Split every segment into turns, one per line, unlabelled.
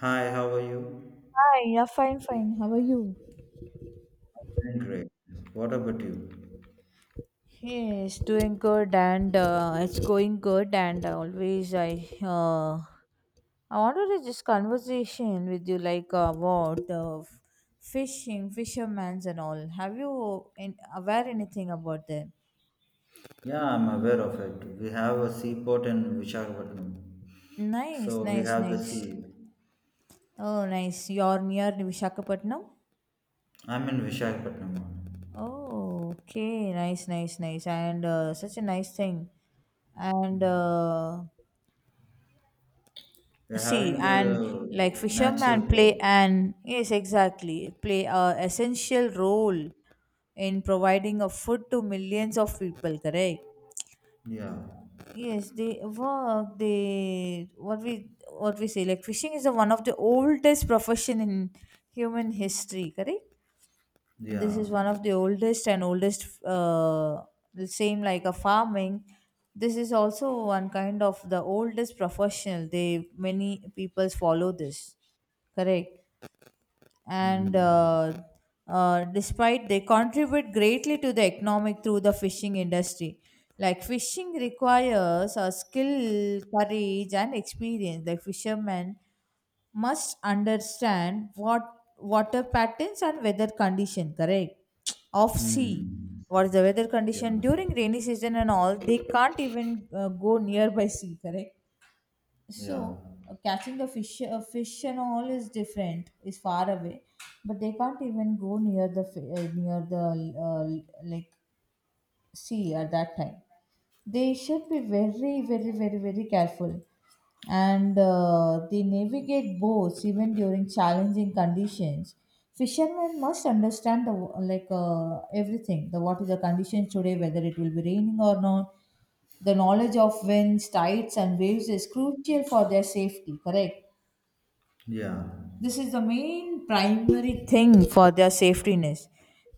Hi, how are you?
Hi, yeah, fine, fine. How are you?
I'm great. What about you?
Yes, doing good and it's going good and always uh, I wanted to just conversation with you like about fishing, fishermen's and all. Have you in, aware anything about them?
Yeah, I'm aware of it. We have a seaport in Visakhapatnam.
Nice,
So we
nice,
have the
nice.
sea.
Oh, nice. You're near Vishakhapatnam?
I'm in Visakhapatnam. Only.
Oh, okay. Nice, nice, nice. And such a nice thing. And
We're
See,
having
and like
the natural
fishermen play
port.
an yes, exactly, play a essential role in providing a food to millions of people. Correct?
Yeah.
Yes, they work. They what we say like fishing is the one of the oldest profession in human history. Correct? This
Yeah.
is one of the oldest and oldest the same like a farming, this is also one kind of the oldest professional they many people follow this, correct. And
Hmm.
despite they contribute greatly to the economic through the fishing industry, like fishing requires a skill courage and experience, like fishermen must understand what water patterns and weather condition, correct, of sea.
Hmm.
What is the weather
Yeah.
condition during rainy season and all, they can't even go nearby sea, correct?
Yeah.
So catching the fish and all is different, is far away, but they can't even go near the near the uh, like sea at that time. They should be very very very very careful. And they navigate boats even during challenging conditions. Fishermen must understand the wa- like everything, the what is the condition today, whether it will be raining or not. The knowledge of winds tides and waves is crucial for their safety, correct?
Yeah.
This is the main primary thing for their safetyness.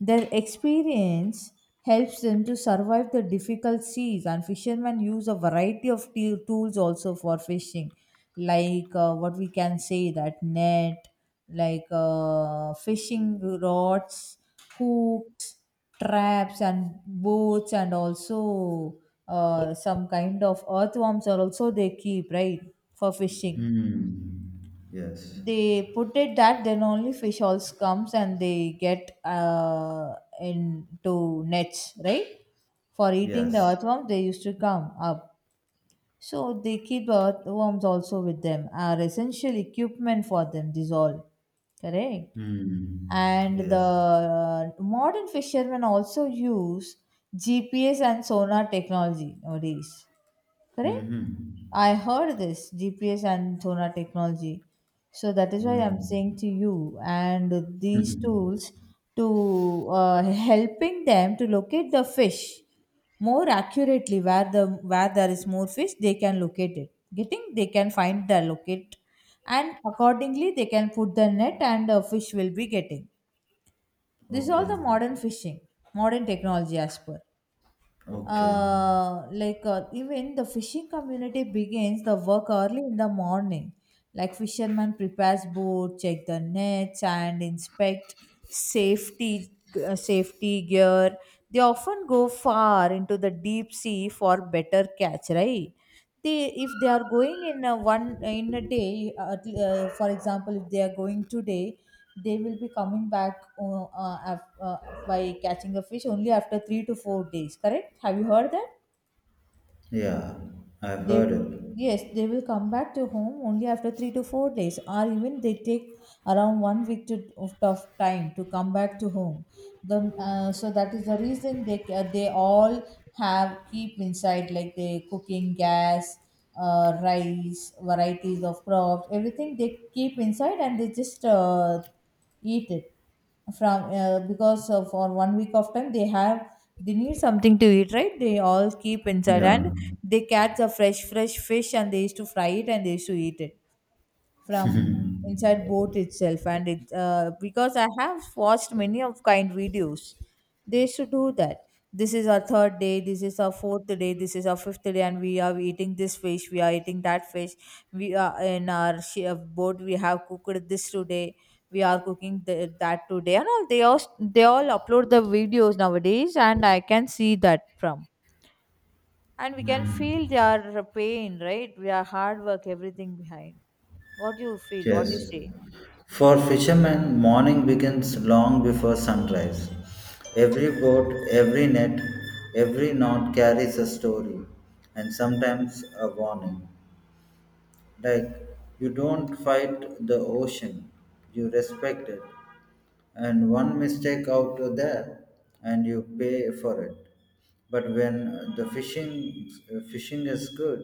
Their experience helps them to survive the difficult seas, and fishermen use a variety of tools also for fishing, like what we can say that net, like fishing rods, hooks, traps, and boats, and also some kind of earthworms are also they keep, right? For fishing,
Hmm. Yes.
they put it that then only fish also comes and they get into nets, right? For eating the
Yes.
earthworms they used to come up. So they keep the earthworms also with them are essential equipment for them, this all, correct.
Hmm.
And the
Yes.
modern fishermen also use GPS and sonar technology nowadays. Correct? I
Mm-hmm.
heard this GPS and sonar technology. So that is why I'm saying to
Mm-hmm.
you. And these tools to helping them to locate the fish more accurately, where the where there is more fish they can locate it getting, they can find the locate, and accordingly they can put the net and the fish will be getting. This is all
Okay.
the modern fishing, modern technology as per
Okay.
even the fishing community begins the work early in the morning. Like fishermen prepares boat, check the nets and inspect safety, safety gear. They often go far into the deep sea for better catch, right? They, if they are going in a one in a day, for example if they are going today, they will be coming back, by catching a fish only after 3 to 4 days, correct? Have you heard that?
Yeah, I've
They,
heard it.
yes, they will come back to home only after 3 to 4 days, or even they take around 1 week of time to come back to home. The So that is the reason they they all have keep inside, like they cooking gas, rice, varieties of crops, everything they keep inside and they just eat it from because for 1 week of time they have, they need something to eat, right? They all keep inside and
Yeah.
they catch a fresh fish and they used to fry it and they used to eat it from inside boat itself. And it because I have watched many of kind videos, they should do that. This is our third day, this is our fourth day, this is our fifth day, and we are eating this fish, we are eating that fish. We are in our boat, we have cooked this today, we are cooking that today, and all. They all they all upload the videos nowadays, and I can see that from. And we can feel their pain, right? We are hard work, everything behind. What do you feel, what do
Yes.
you say?
For fishermen, morning begins long before sunrise. Every boat, every net, every knot carries a story and sometimes a warning. Like, you don't fight the ocean, you respect it. And one mistake out there, and you pay for it. But when the fishing is good,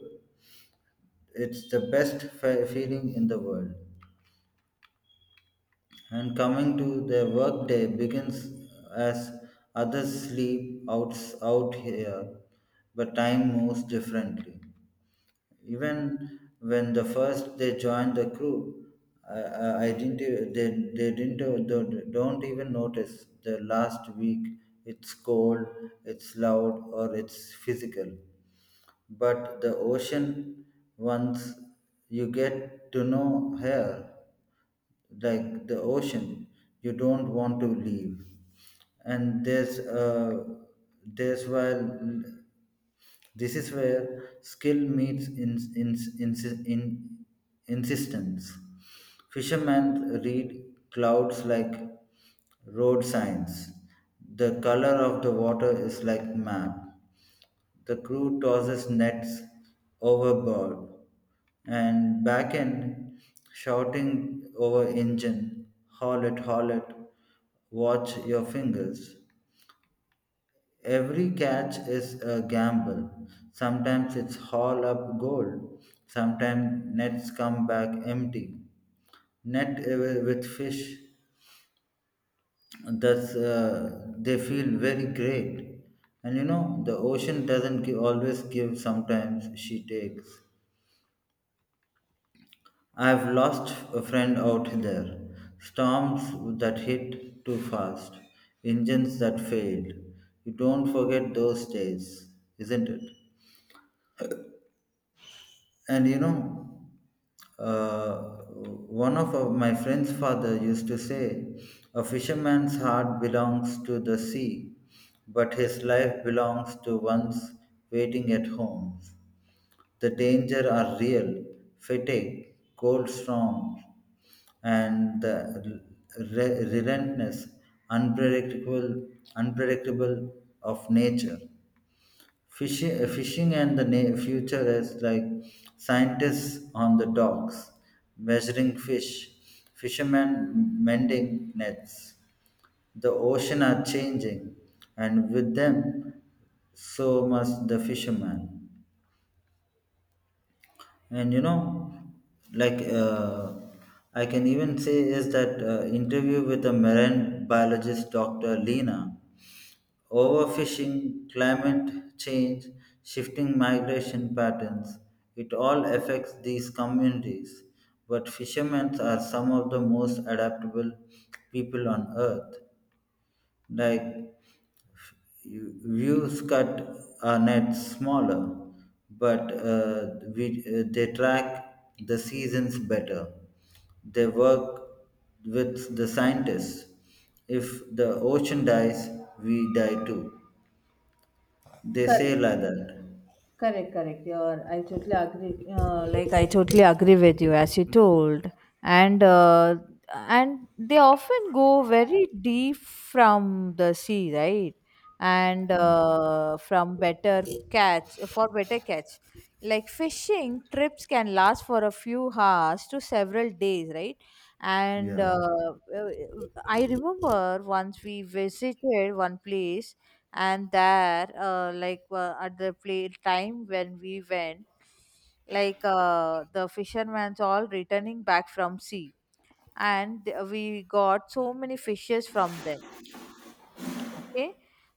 it's the best feeling in the world. And coming to their workday begins as others sleep out, out here, but time moves differently even when the first they joined the crew I didn't they didn't don't even notice the last week. It's cold, it's loud, or it's physical, but the ocean, once you get to know her, like the ocean, you don't want to leave. And uh there's why this is where skill meets in, insistence. Fishermen read clouds like road signs. The color of the water is like map. The crew tosses nets overboard and back end, shouting over engine, haul it, watch your fingers. Every catch is a gamble. Sometimes it's haul up gold. Sometimes nets come back empty. Net with fish, that's they feel very great. And you know the ocean doesn't give, always give. Sometimes she takes. I've lost a friend out there. Storms that hit too fast. Engines that failed. You don't forget those days, isn't it? And you know, uh, one of my friend's father used to say, a fisherman's heart belongs to the sea, but his life belongs to one's waiting at home. The danger are real, fatigue, cold storms, and the relentless, unpredictable, unpredictable of nature. Fishing and the future is like scientists on the docks measuring fish, fishermen mending nets. The ocean are changing, and with them, so must the fisherman. And you know, like I can even say is that interview with a marine biologist, Dr. Lena. Overfishing, climate change, shifting migration patterns, it all affects these communities. But fishermen are some of the most adaptable people on earth. Like you- views cut our nets smaller, but they track the seasons better. They work with the scientists. If the ocean dies, we die too. They say
Correct.
like that.
Correct, correct. You're, I totally agree. Like I totally agree with you, as you told, and uh, and they often go very deep from the sea, right? And
Yeah.
from better catch for better catch, like fishing trips can last for a few hours to several days, right? And
Yeah.
uh, I remember once we visited one place, and there at the play time when we went, like the fishermen's all returning back from sea, and we got so many fishes from them, okay.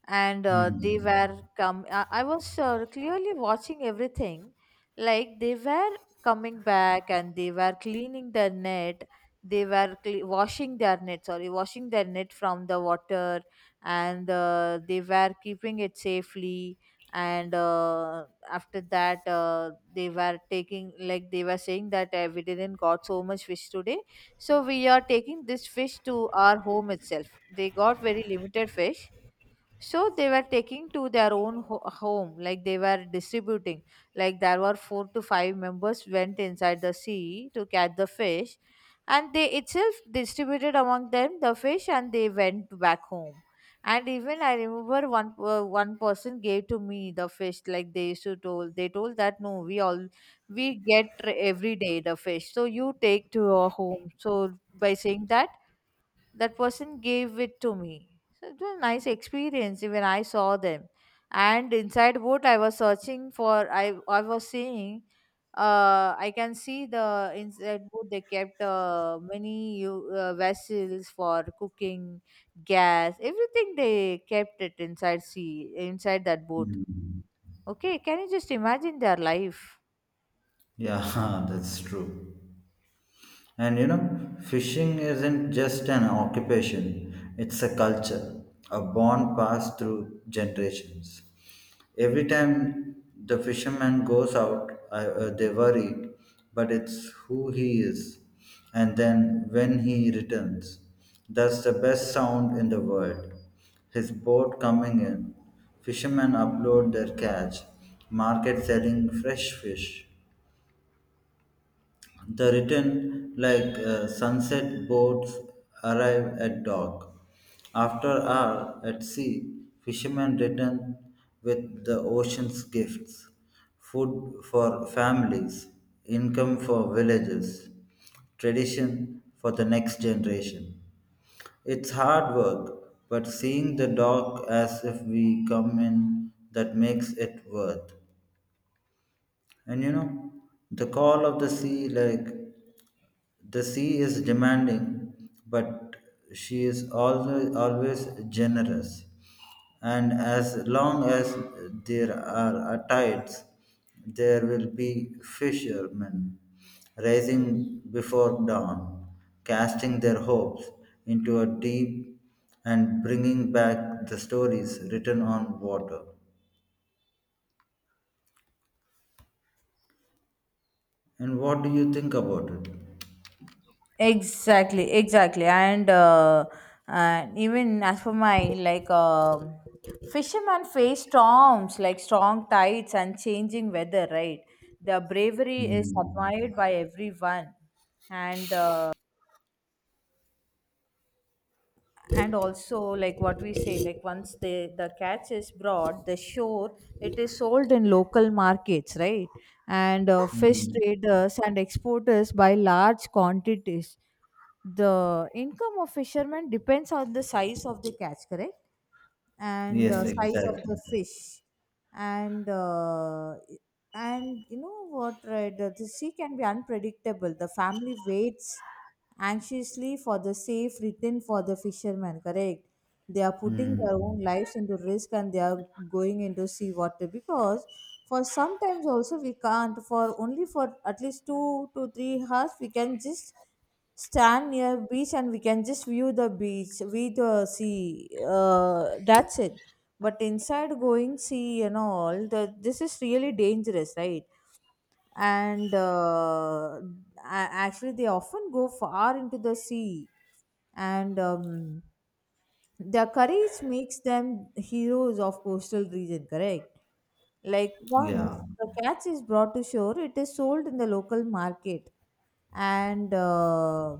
And they
Hmm.
were come, I was clearly watching everything. Like they were coming back and they were cleaning their net, they were washing their net, sorry, washing their net from the water. And they were keeping it safely. And uh, after that uh, they were taking, like they were saying that we didn't got so much fish today, so we are taking this fish to our home itself. They got very limited fish, so they were taking to their own home, like they were distributing. Like there were 4 to 5 members went inside the sea to catch the fish, and they itself distributed among them the fish and they went back home. And even I remember one person gave to me the fish, like they used to told, they told that no, we all, we get every day the fish, so you take to your home. So by saying that, that person gave it to me. So it was a nice experience when I saw them. And inside what I was searching for, I was seeing, I can see the inside boat they kept many vessels for cooking, gas, everything they kept it inside sea, inside that boat.
Hmm.
Okay, can you just imagine their life?
Yeah, that's true. And you know, fishing isn't just an occupation, it's a culture, a bond passed through generations. Every time the fisherman goes out, they worry, but it's who he is. And then when he returns, that's the best sound in the world. His boat coming in, fishermen upload their catch, market selling fresh fish. The return, like sunset boats, arrive at dock. After hour at sea, fishermen return with the ocean's gifts, food for families, income for villages, tradition for the next generation. It's hard work, but seeing the dock as if we come in that makes it worth. And you know, the call of the sea, like the sea is demanding, but she is always, always generous. And as long as there are tides, there will be fishermen rising before dawn, casting their hopes into a deep and bringing back the stories written on water. And what do you think about it?
Exactly, exactly. And even as for my like fishermen face storms like strong tides and changing weather, right? Their bravery is
Hmm.
admired by everyone. and uh, and also like what we say, like once the catch is brought the shore, it is sold in local markets, right? And fish
Hmm.
traders and exporters buy large quantities. The income of fishermen depends on the size of the catch, correct? And
Yes,
size of the
exactly.
fish. and uh, and you know what, right? The sea can be unpredictable, the family waits anxiously for the safe return for the fishermen, correct? They are putting
Hmm.
their own lives into risk and they are going into sea water, because for sometimes also we can't, for only for at least 2 to 3 hours we can just stand near beach and we can just view the beach, view the sea. That's it. But inside going sea and all, the, this is really dangerous, right? And actually, they often go far into the sea, and their courage makes them heroes of coastal region, correct? Like once
Yeah.
the catch is brought to shore, it is sold in the local market. And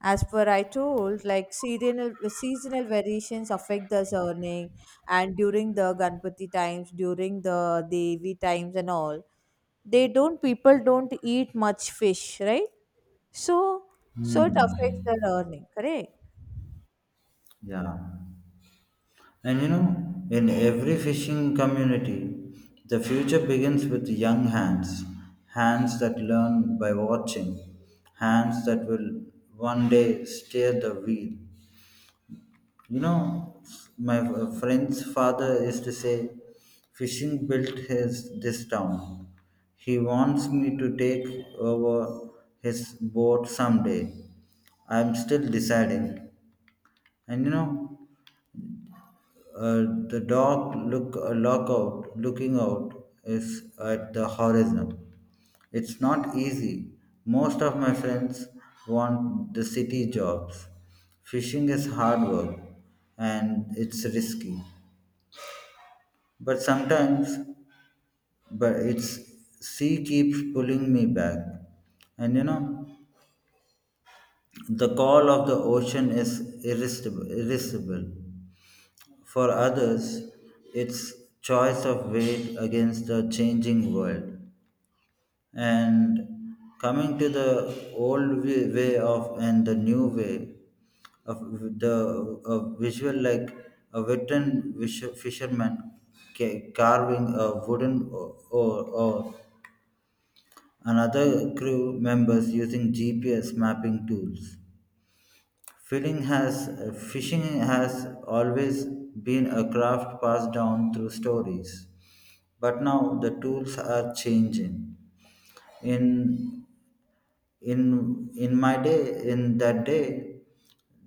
as per I told, like seasonal variations affect the earning, and during the Ganpati times, during the Devi times, and all, they don't people don't eat much fish, right? So so it affects
Hmm.
their earning, correct?
Yeah. And you know, in every fishing community, the future begins with young hands, hands that learn by watching, hands that will one day steer the wheel. You know, my friend's father used to say, fishing built his this town. He wants me to take over his boat someday. I'm still deciding. And you know, the dog look look out, looking out is at the horizon. It's not easy. Most of my friends want the city jobs. Fishing is hard work and it's risky. But sometimes but it's sea keeps pulling me back. And you know the call of the ocean is irresistible. For others, it's choice of weight against the changing world, and coming to the old way of and the new way of the a visual, like a veteran fisherman carving a wooden oar or another crew members using GPS mapping tools. Filling has fishing has always been a craft passed down through stories, but now the tools are changing. In in my day, in that day,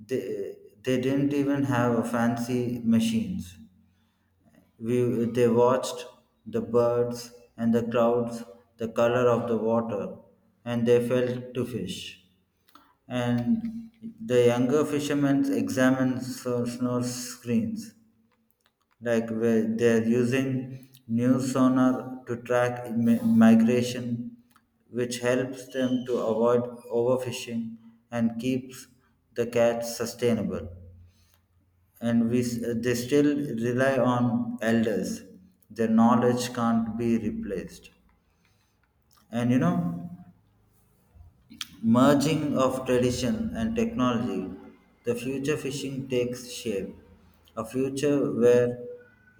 they, they didn't even have a fancy machines. They watched the birds and the clouds, the color of the water, and they felt to fish. And the younger fishermen examined snow screens, like where they're using new sonar to track migration, which helps them to avoid overfishing and keeps the catch sustainable. And they still rely on elders, their knowledge can't be replaced. And you know, merging of tradition and technology, the future fishing takes shape, a future where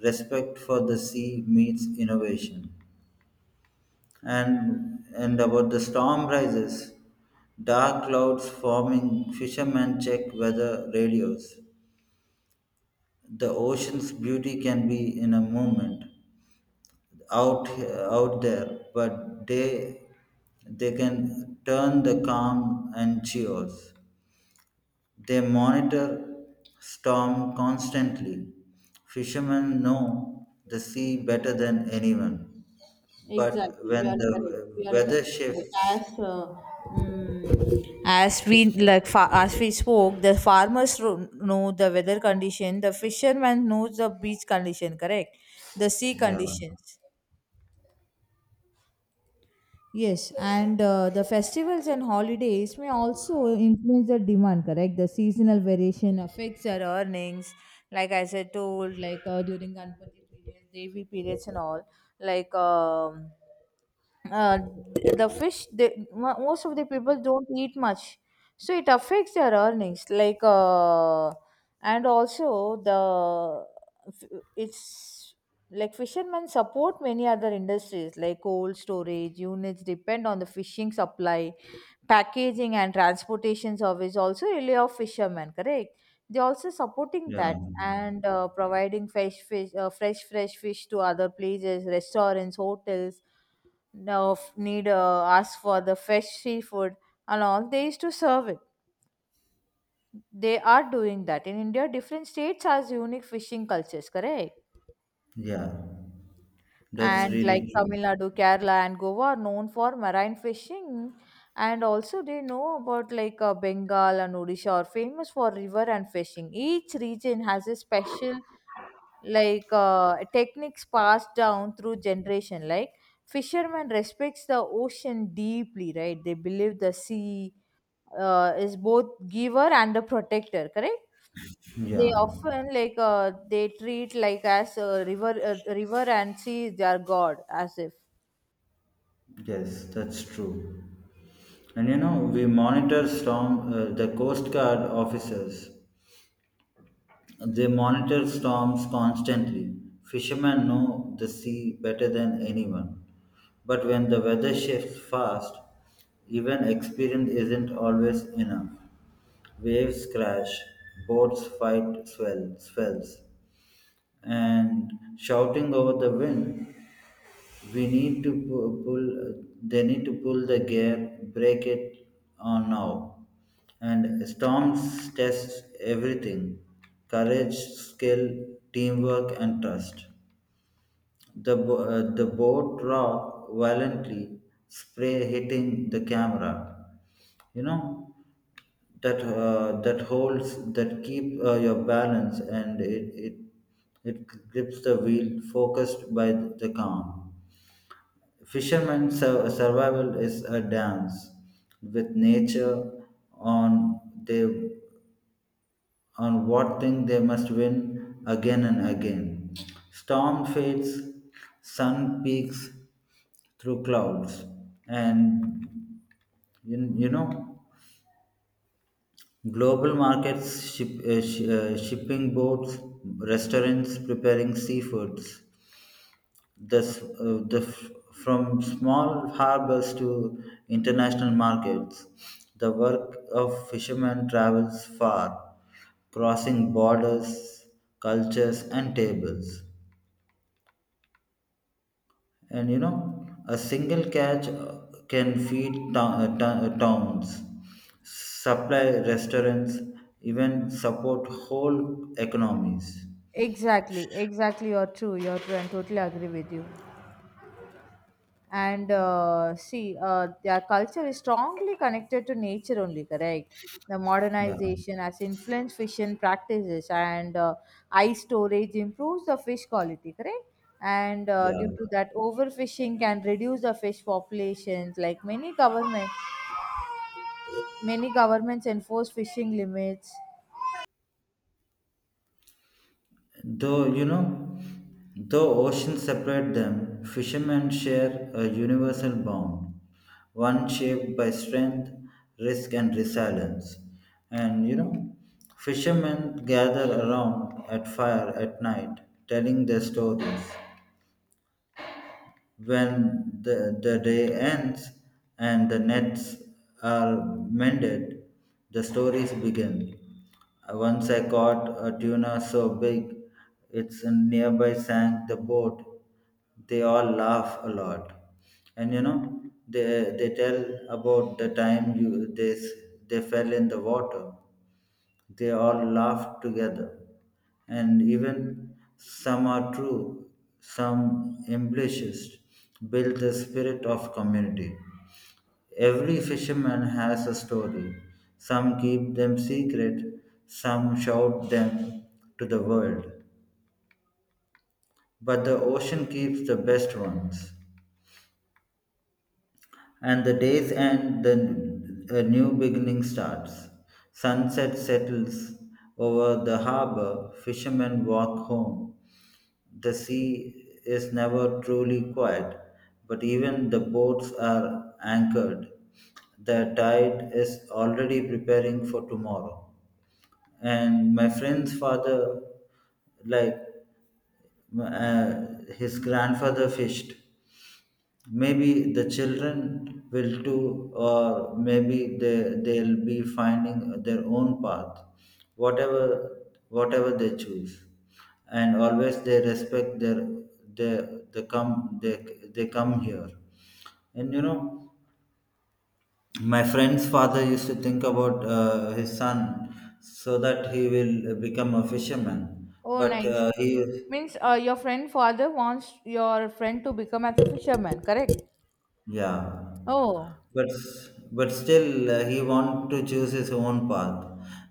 respect for the sea meets innovation. And about the storm rises, dark clouds forming, fishermen check weather radios. The ocean's beauty can be in a moment out, out there, but they can turn the calm and chaos. They monitor storm constantly. Fishermen know the sea better than anyone. But
Exactly,
when
you are correct.
the
You are
weather
correct.
shifts,
As uh, as we like as we spoke, the farmers know the weather condition. The fisherman knows the beach condition. Correct, the sea
yeah,
conditions. Yes, and the festivals and holidays may also influence the demand, correct? The seasonal variation affects our earnings. Like as I told, like during Ganpati periods, Devi periods, and all. Like uh, the most of the people don't eat much, so it affects their earnings like and also the it's like fishermen support many other industries like cold storage units depend on the fishing supply, packaging and transportation service also rely on fishermen, correct? They also supporting
yeah,
that. And providing fresh fish, fresh fish to other places, restaurants, hotels. No f- Need ask for the fresh seafood and all, they used to serve it. They are doing that. In India, different states has unique fishing cultures, correct?
yeah, that's
And like
really true.
Tamil Nadu, Kerala and Goa are known for marine fishing, and also they know about like Bengal and Odisha are famous for river and fishing. Each region has a special, like techniques passed down through generation. Like fishermen respects the ocean deeply, right? They believe the sea is both giver and the protector, correct? They
Yeah.
often like they treat like as a river and sea their god, as if.
Yes, that's true. And you know, we monitor storm, the Coast Guard officers. They monitor storms constantly. Fishermen know the sea better than anyone. But when the weather shifts fast, even experience isn't always enough. Waves crash, boats fight swells, and shouting over the wind we need to pull. They need to pull the gear, break it on now, and storms test everything: courage, skill, teamwork, and trust. The the boat rocked violently, spray hitting the camera. You know that that holds that keep your balance and it grips the wheel focused by the calm. Fisherman's survival is a dance with nature on they on what thing they must win again and again. Storm fades, sun peaks through clouds, and you know global markets, shipping boats, restaurants preparing seafoods. This uh, the f- from small harbors to international markets, the work of fishermen travels far, crossing borders, cultures, and tables. And you know, a single catch can feed towns, supply restaurants, even support whole economies.
Exactly, exactly. You're true. You're true. And totally agree with you. And see, their culture is strongly connected to nature only, correct? The
Yeah,
modernization has influenced fishing practices, and ice storage improves the fish quality, correct? And
yeah.
due to that, overfishing can reduce the fish populations. Many governments enforce fishing limits.
Though, you know, though oceans separate them, fishermen share a universal bond, one shaped by strength, risk, and resilience. And, you know, fishermen gather around at fire at night, telling their stories, when the day ends and the nets are mended, the stories begin. Once I caught a tuna so big, its nearby sank the boat. They all laugh a lot, and you know they tell about the time you they fell in the water, they all laugh together, and even some are true, some ambitious build the spirit of community. Every fisherman has a story. Some keep them secret, some shout them to the world. But the ocean keeps the best ones. And the days end, the a new beginning starts. Sunset settles over the harbor, fishermen walk home. The sea is never truly quiet, but even the boats are anchored. The tide is already preparing for tomorrow. And my friend's father, like uh, his grandfather, fished. Maybe the children will too, or maybe they'll be finding their own path. whatever whatever they choose, and always they respect their their the come they they come here. And you know, my friend's father used to think about his son, so that he will become a fisherman,
Oh,
but
nice.
he
Means your friend father wants your friend to become as a fisherman, correct?
Yeah,
Oh,
but still he wanted to choose his own path,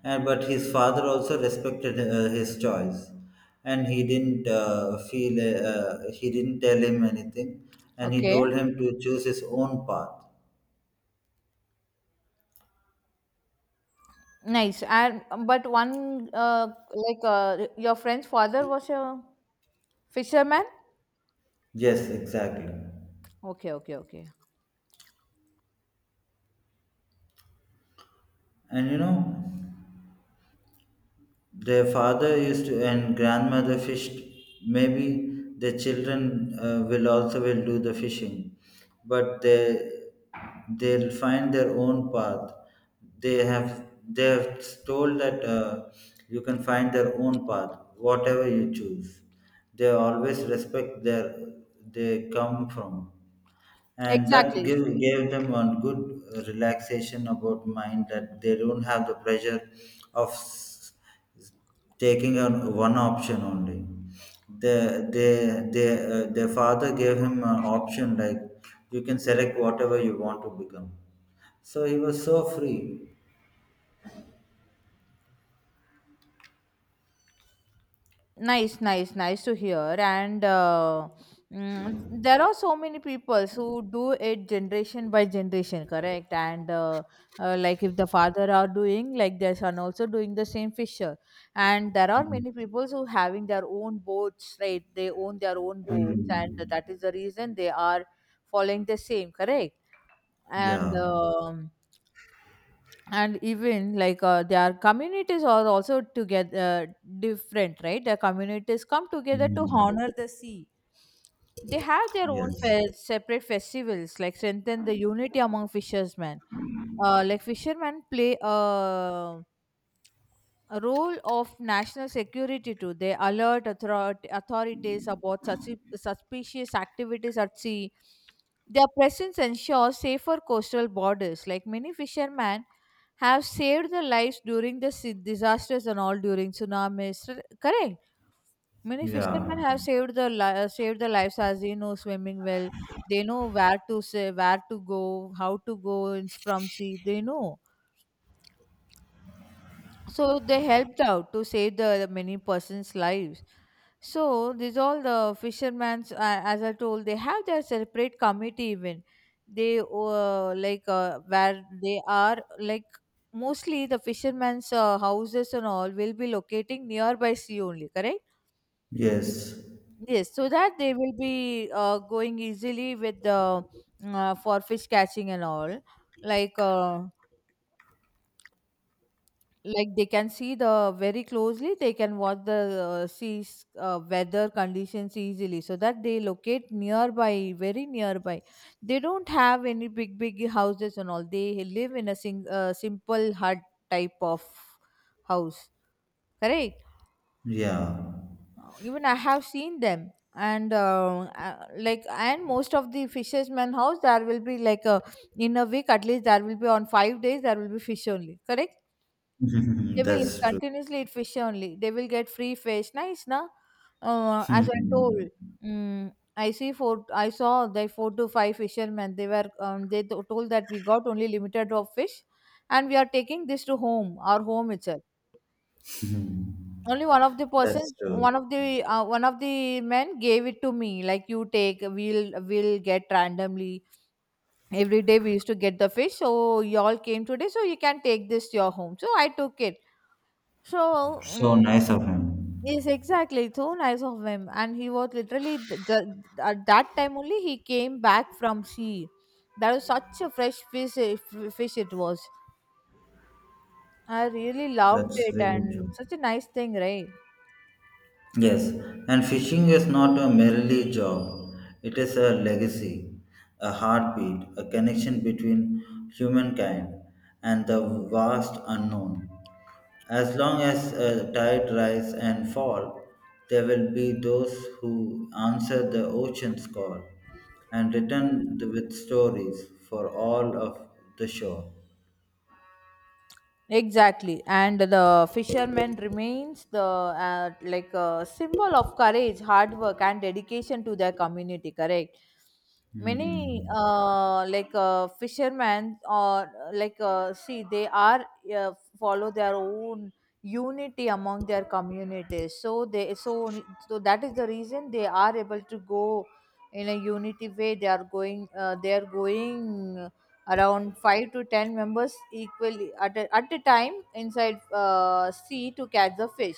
and but his father also respected his choice, and he didn't feel he didn't tell him anything, and he
okay.
told him to choose his own path.
Nice. And but one like your friend's father was a fisherman.
Yes, exactly.
Okay, okay, okay.
And you know, their father used to and grandmother fished. Maybe the children will also will do the fishing, but they'll find their own path. They have told that you can find their own path, whatever you choose. They always respect their they come from, and that
Exactly.
gave them a good relaxation about mind that they don't have the pressure of taking on one option only. The they their father gave him an option like you can select whatever you want to become. So he was so free.
Nice, nice, nice to hear. And mm, there are so many people who do it generation by generation, correct? And like if the father are doing, like their son also doing the same fisher. And there are
Mm.
many people who having their own boats, right? They own their own boats, and
Mm.
that is the reason they are following the same, correct? and
Yeah.
um, and even like their communities are also together different, right? Their communities come together to
Mm.
honor the sea. They have their own
Yes.
separate festivals like strengthen the unity among fishermen. Like fishermen play a role of national security too. They alert authorities about suspicious activities at sea. Their presence ensures safer coastal borders. Like many fishermen have saved their lives during the disasters and all during tsunamis. Correct. Many
Yeah.
fishermen have saved their lives as they know swimming well. They know where to say, where to go, how to go in, from sea. They know. So they helped out to save the many persons' lives. So these all the fishermen's, as I told, they have their separate committee even. They like where they are, like mostly the fishermen's houses and all will be locating nearby sea only, correct?
Yes.
Yes, so that they will be going easily with the for fish catching and all. Like uh, like they can see the very closely, they can watch the seas weather conditions easily, so that they locate nearby, very nearby. They don't have any big houses and all. They live in a simple hut type of house, correct?
Yeah.
Even I have seen them. And uh, like and most of the fishermen house, there will be like a, in a week at least there will be on 5 days there will be fish only, correct? They will eat
That's true.
continuously, eat fish only. They will get free fish. Nice, na? As I told,
Hmm.
mm, I see four. I saw the four to five fishermen. They were told that we got only limited of fish, and we are taking this to home, our home itself. Only one of the
That's
persons,
true.
one of the men gave it to me. Like, you take, we'll get randomly every day. We used to get the fish, so y'all came today, so you can take this to your home. So I took it. So
So
mm,
nice of him.
yes, exactly. It's so nice of him. And he was literally at that time only he came back from sea. That was such a fresh fish, eh, fish it was. I really loved
That's
it,
really true.
and such a nice thing, right?
Yes, and fishing is not a merely job. It is a legacy, a heartbeat, a connection between humankind and the vast unknown. As long as a tide rise and fall, there will be those who answer the ocean's call and return with stories for all of the shore.
Exactly, and the fisherman remains the like a symbol of courage, hard work, and dedication to their community. Correct. Many
Hmm.
like fishermen or like see, they are uh, follow their own unity among their communities. So they so that is the reason they are able to go in a unity way. They are going. They are going around 5 to 10 members equally at a time inside sea to catch the fish,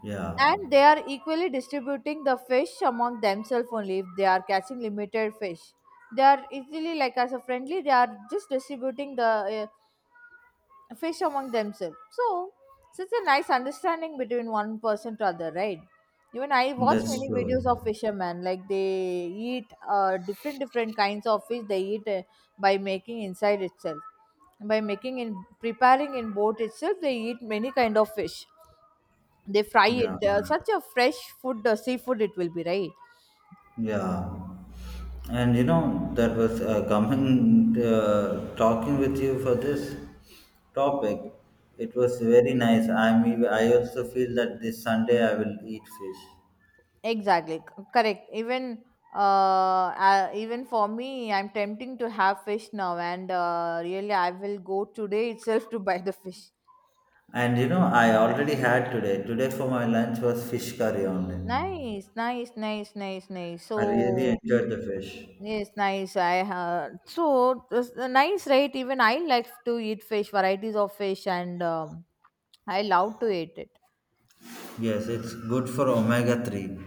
Yeah,
and they are equally distributing the fish among themselves. Only if they are catching limited fish, they are easily, like as a friendly, they are just distributing the uh, fish among themselves. So, such a nice understanding between one person to other, right? Even I watch
that's
many videos
true.
of fishermen, like they eat different different kinds of fish. They eat by making inside itself, by making in preparing in boat itself. They eat many kind of fish. They fry
Yeah.
it. They such a fresh food, seafood it will be, right?
Yeah, and you know that was coming talking with you for this topic. It was very nice. I also feel that this Sunday I will eat fish.
Exactly, correct. Even even for me, I'm tempting to have fish now, and really, I will go today itself to buy the fish.
And you know I already had today. Today for my lunch was fish curry only.
Nice, nice, nice, nice, nice.
I really
So
enjoyed the fish.
yes, nice. I nice, right? Even I like to eat fish, varieties of fish, and I love to eat it.
Yes, it's good for omega 3.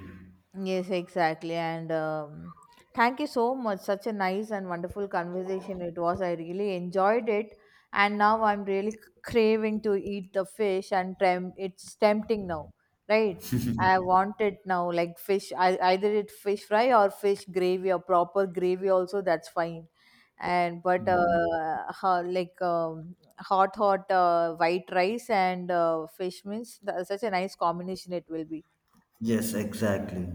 Yes, exactly. And thank you so much. Such a nice and wonderful conversation it was. I really enjoyed it. And now I'm really craving to eat the fish, and it's tempting now, right? I want it now, like fish, I, either it fish fry or fish gravy or proper gravy also, that's fine. And but like hot, hot white rice and fish means that's such a nice combination it will be.
Yes, exactly.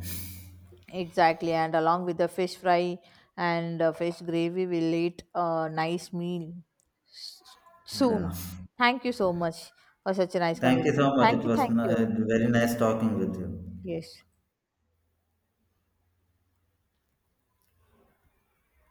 Exactly, and along with the fish fry and fish gravy, we'll eat a nice meal s-
Yeah.
soon. Thank you so much for such a nice
Thank you
conversation.
so much.
Thank
It
you,
was
thank you.
very nice talking with you.
Yes.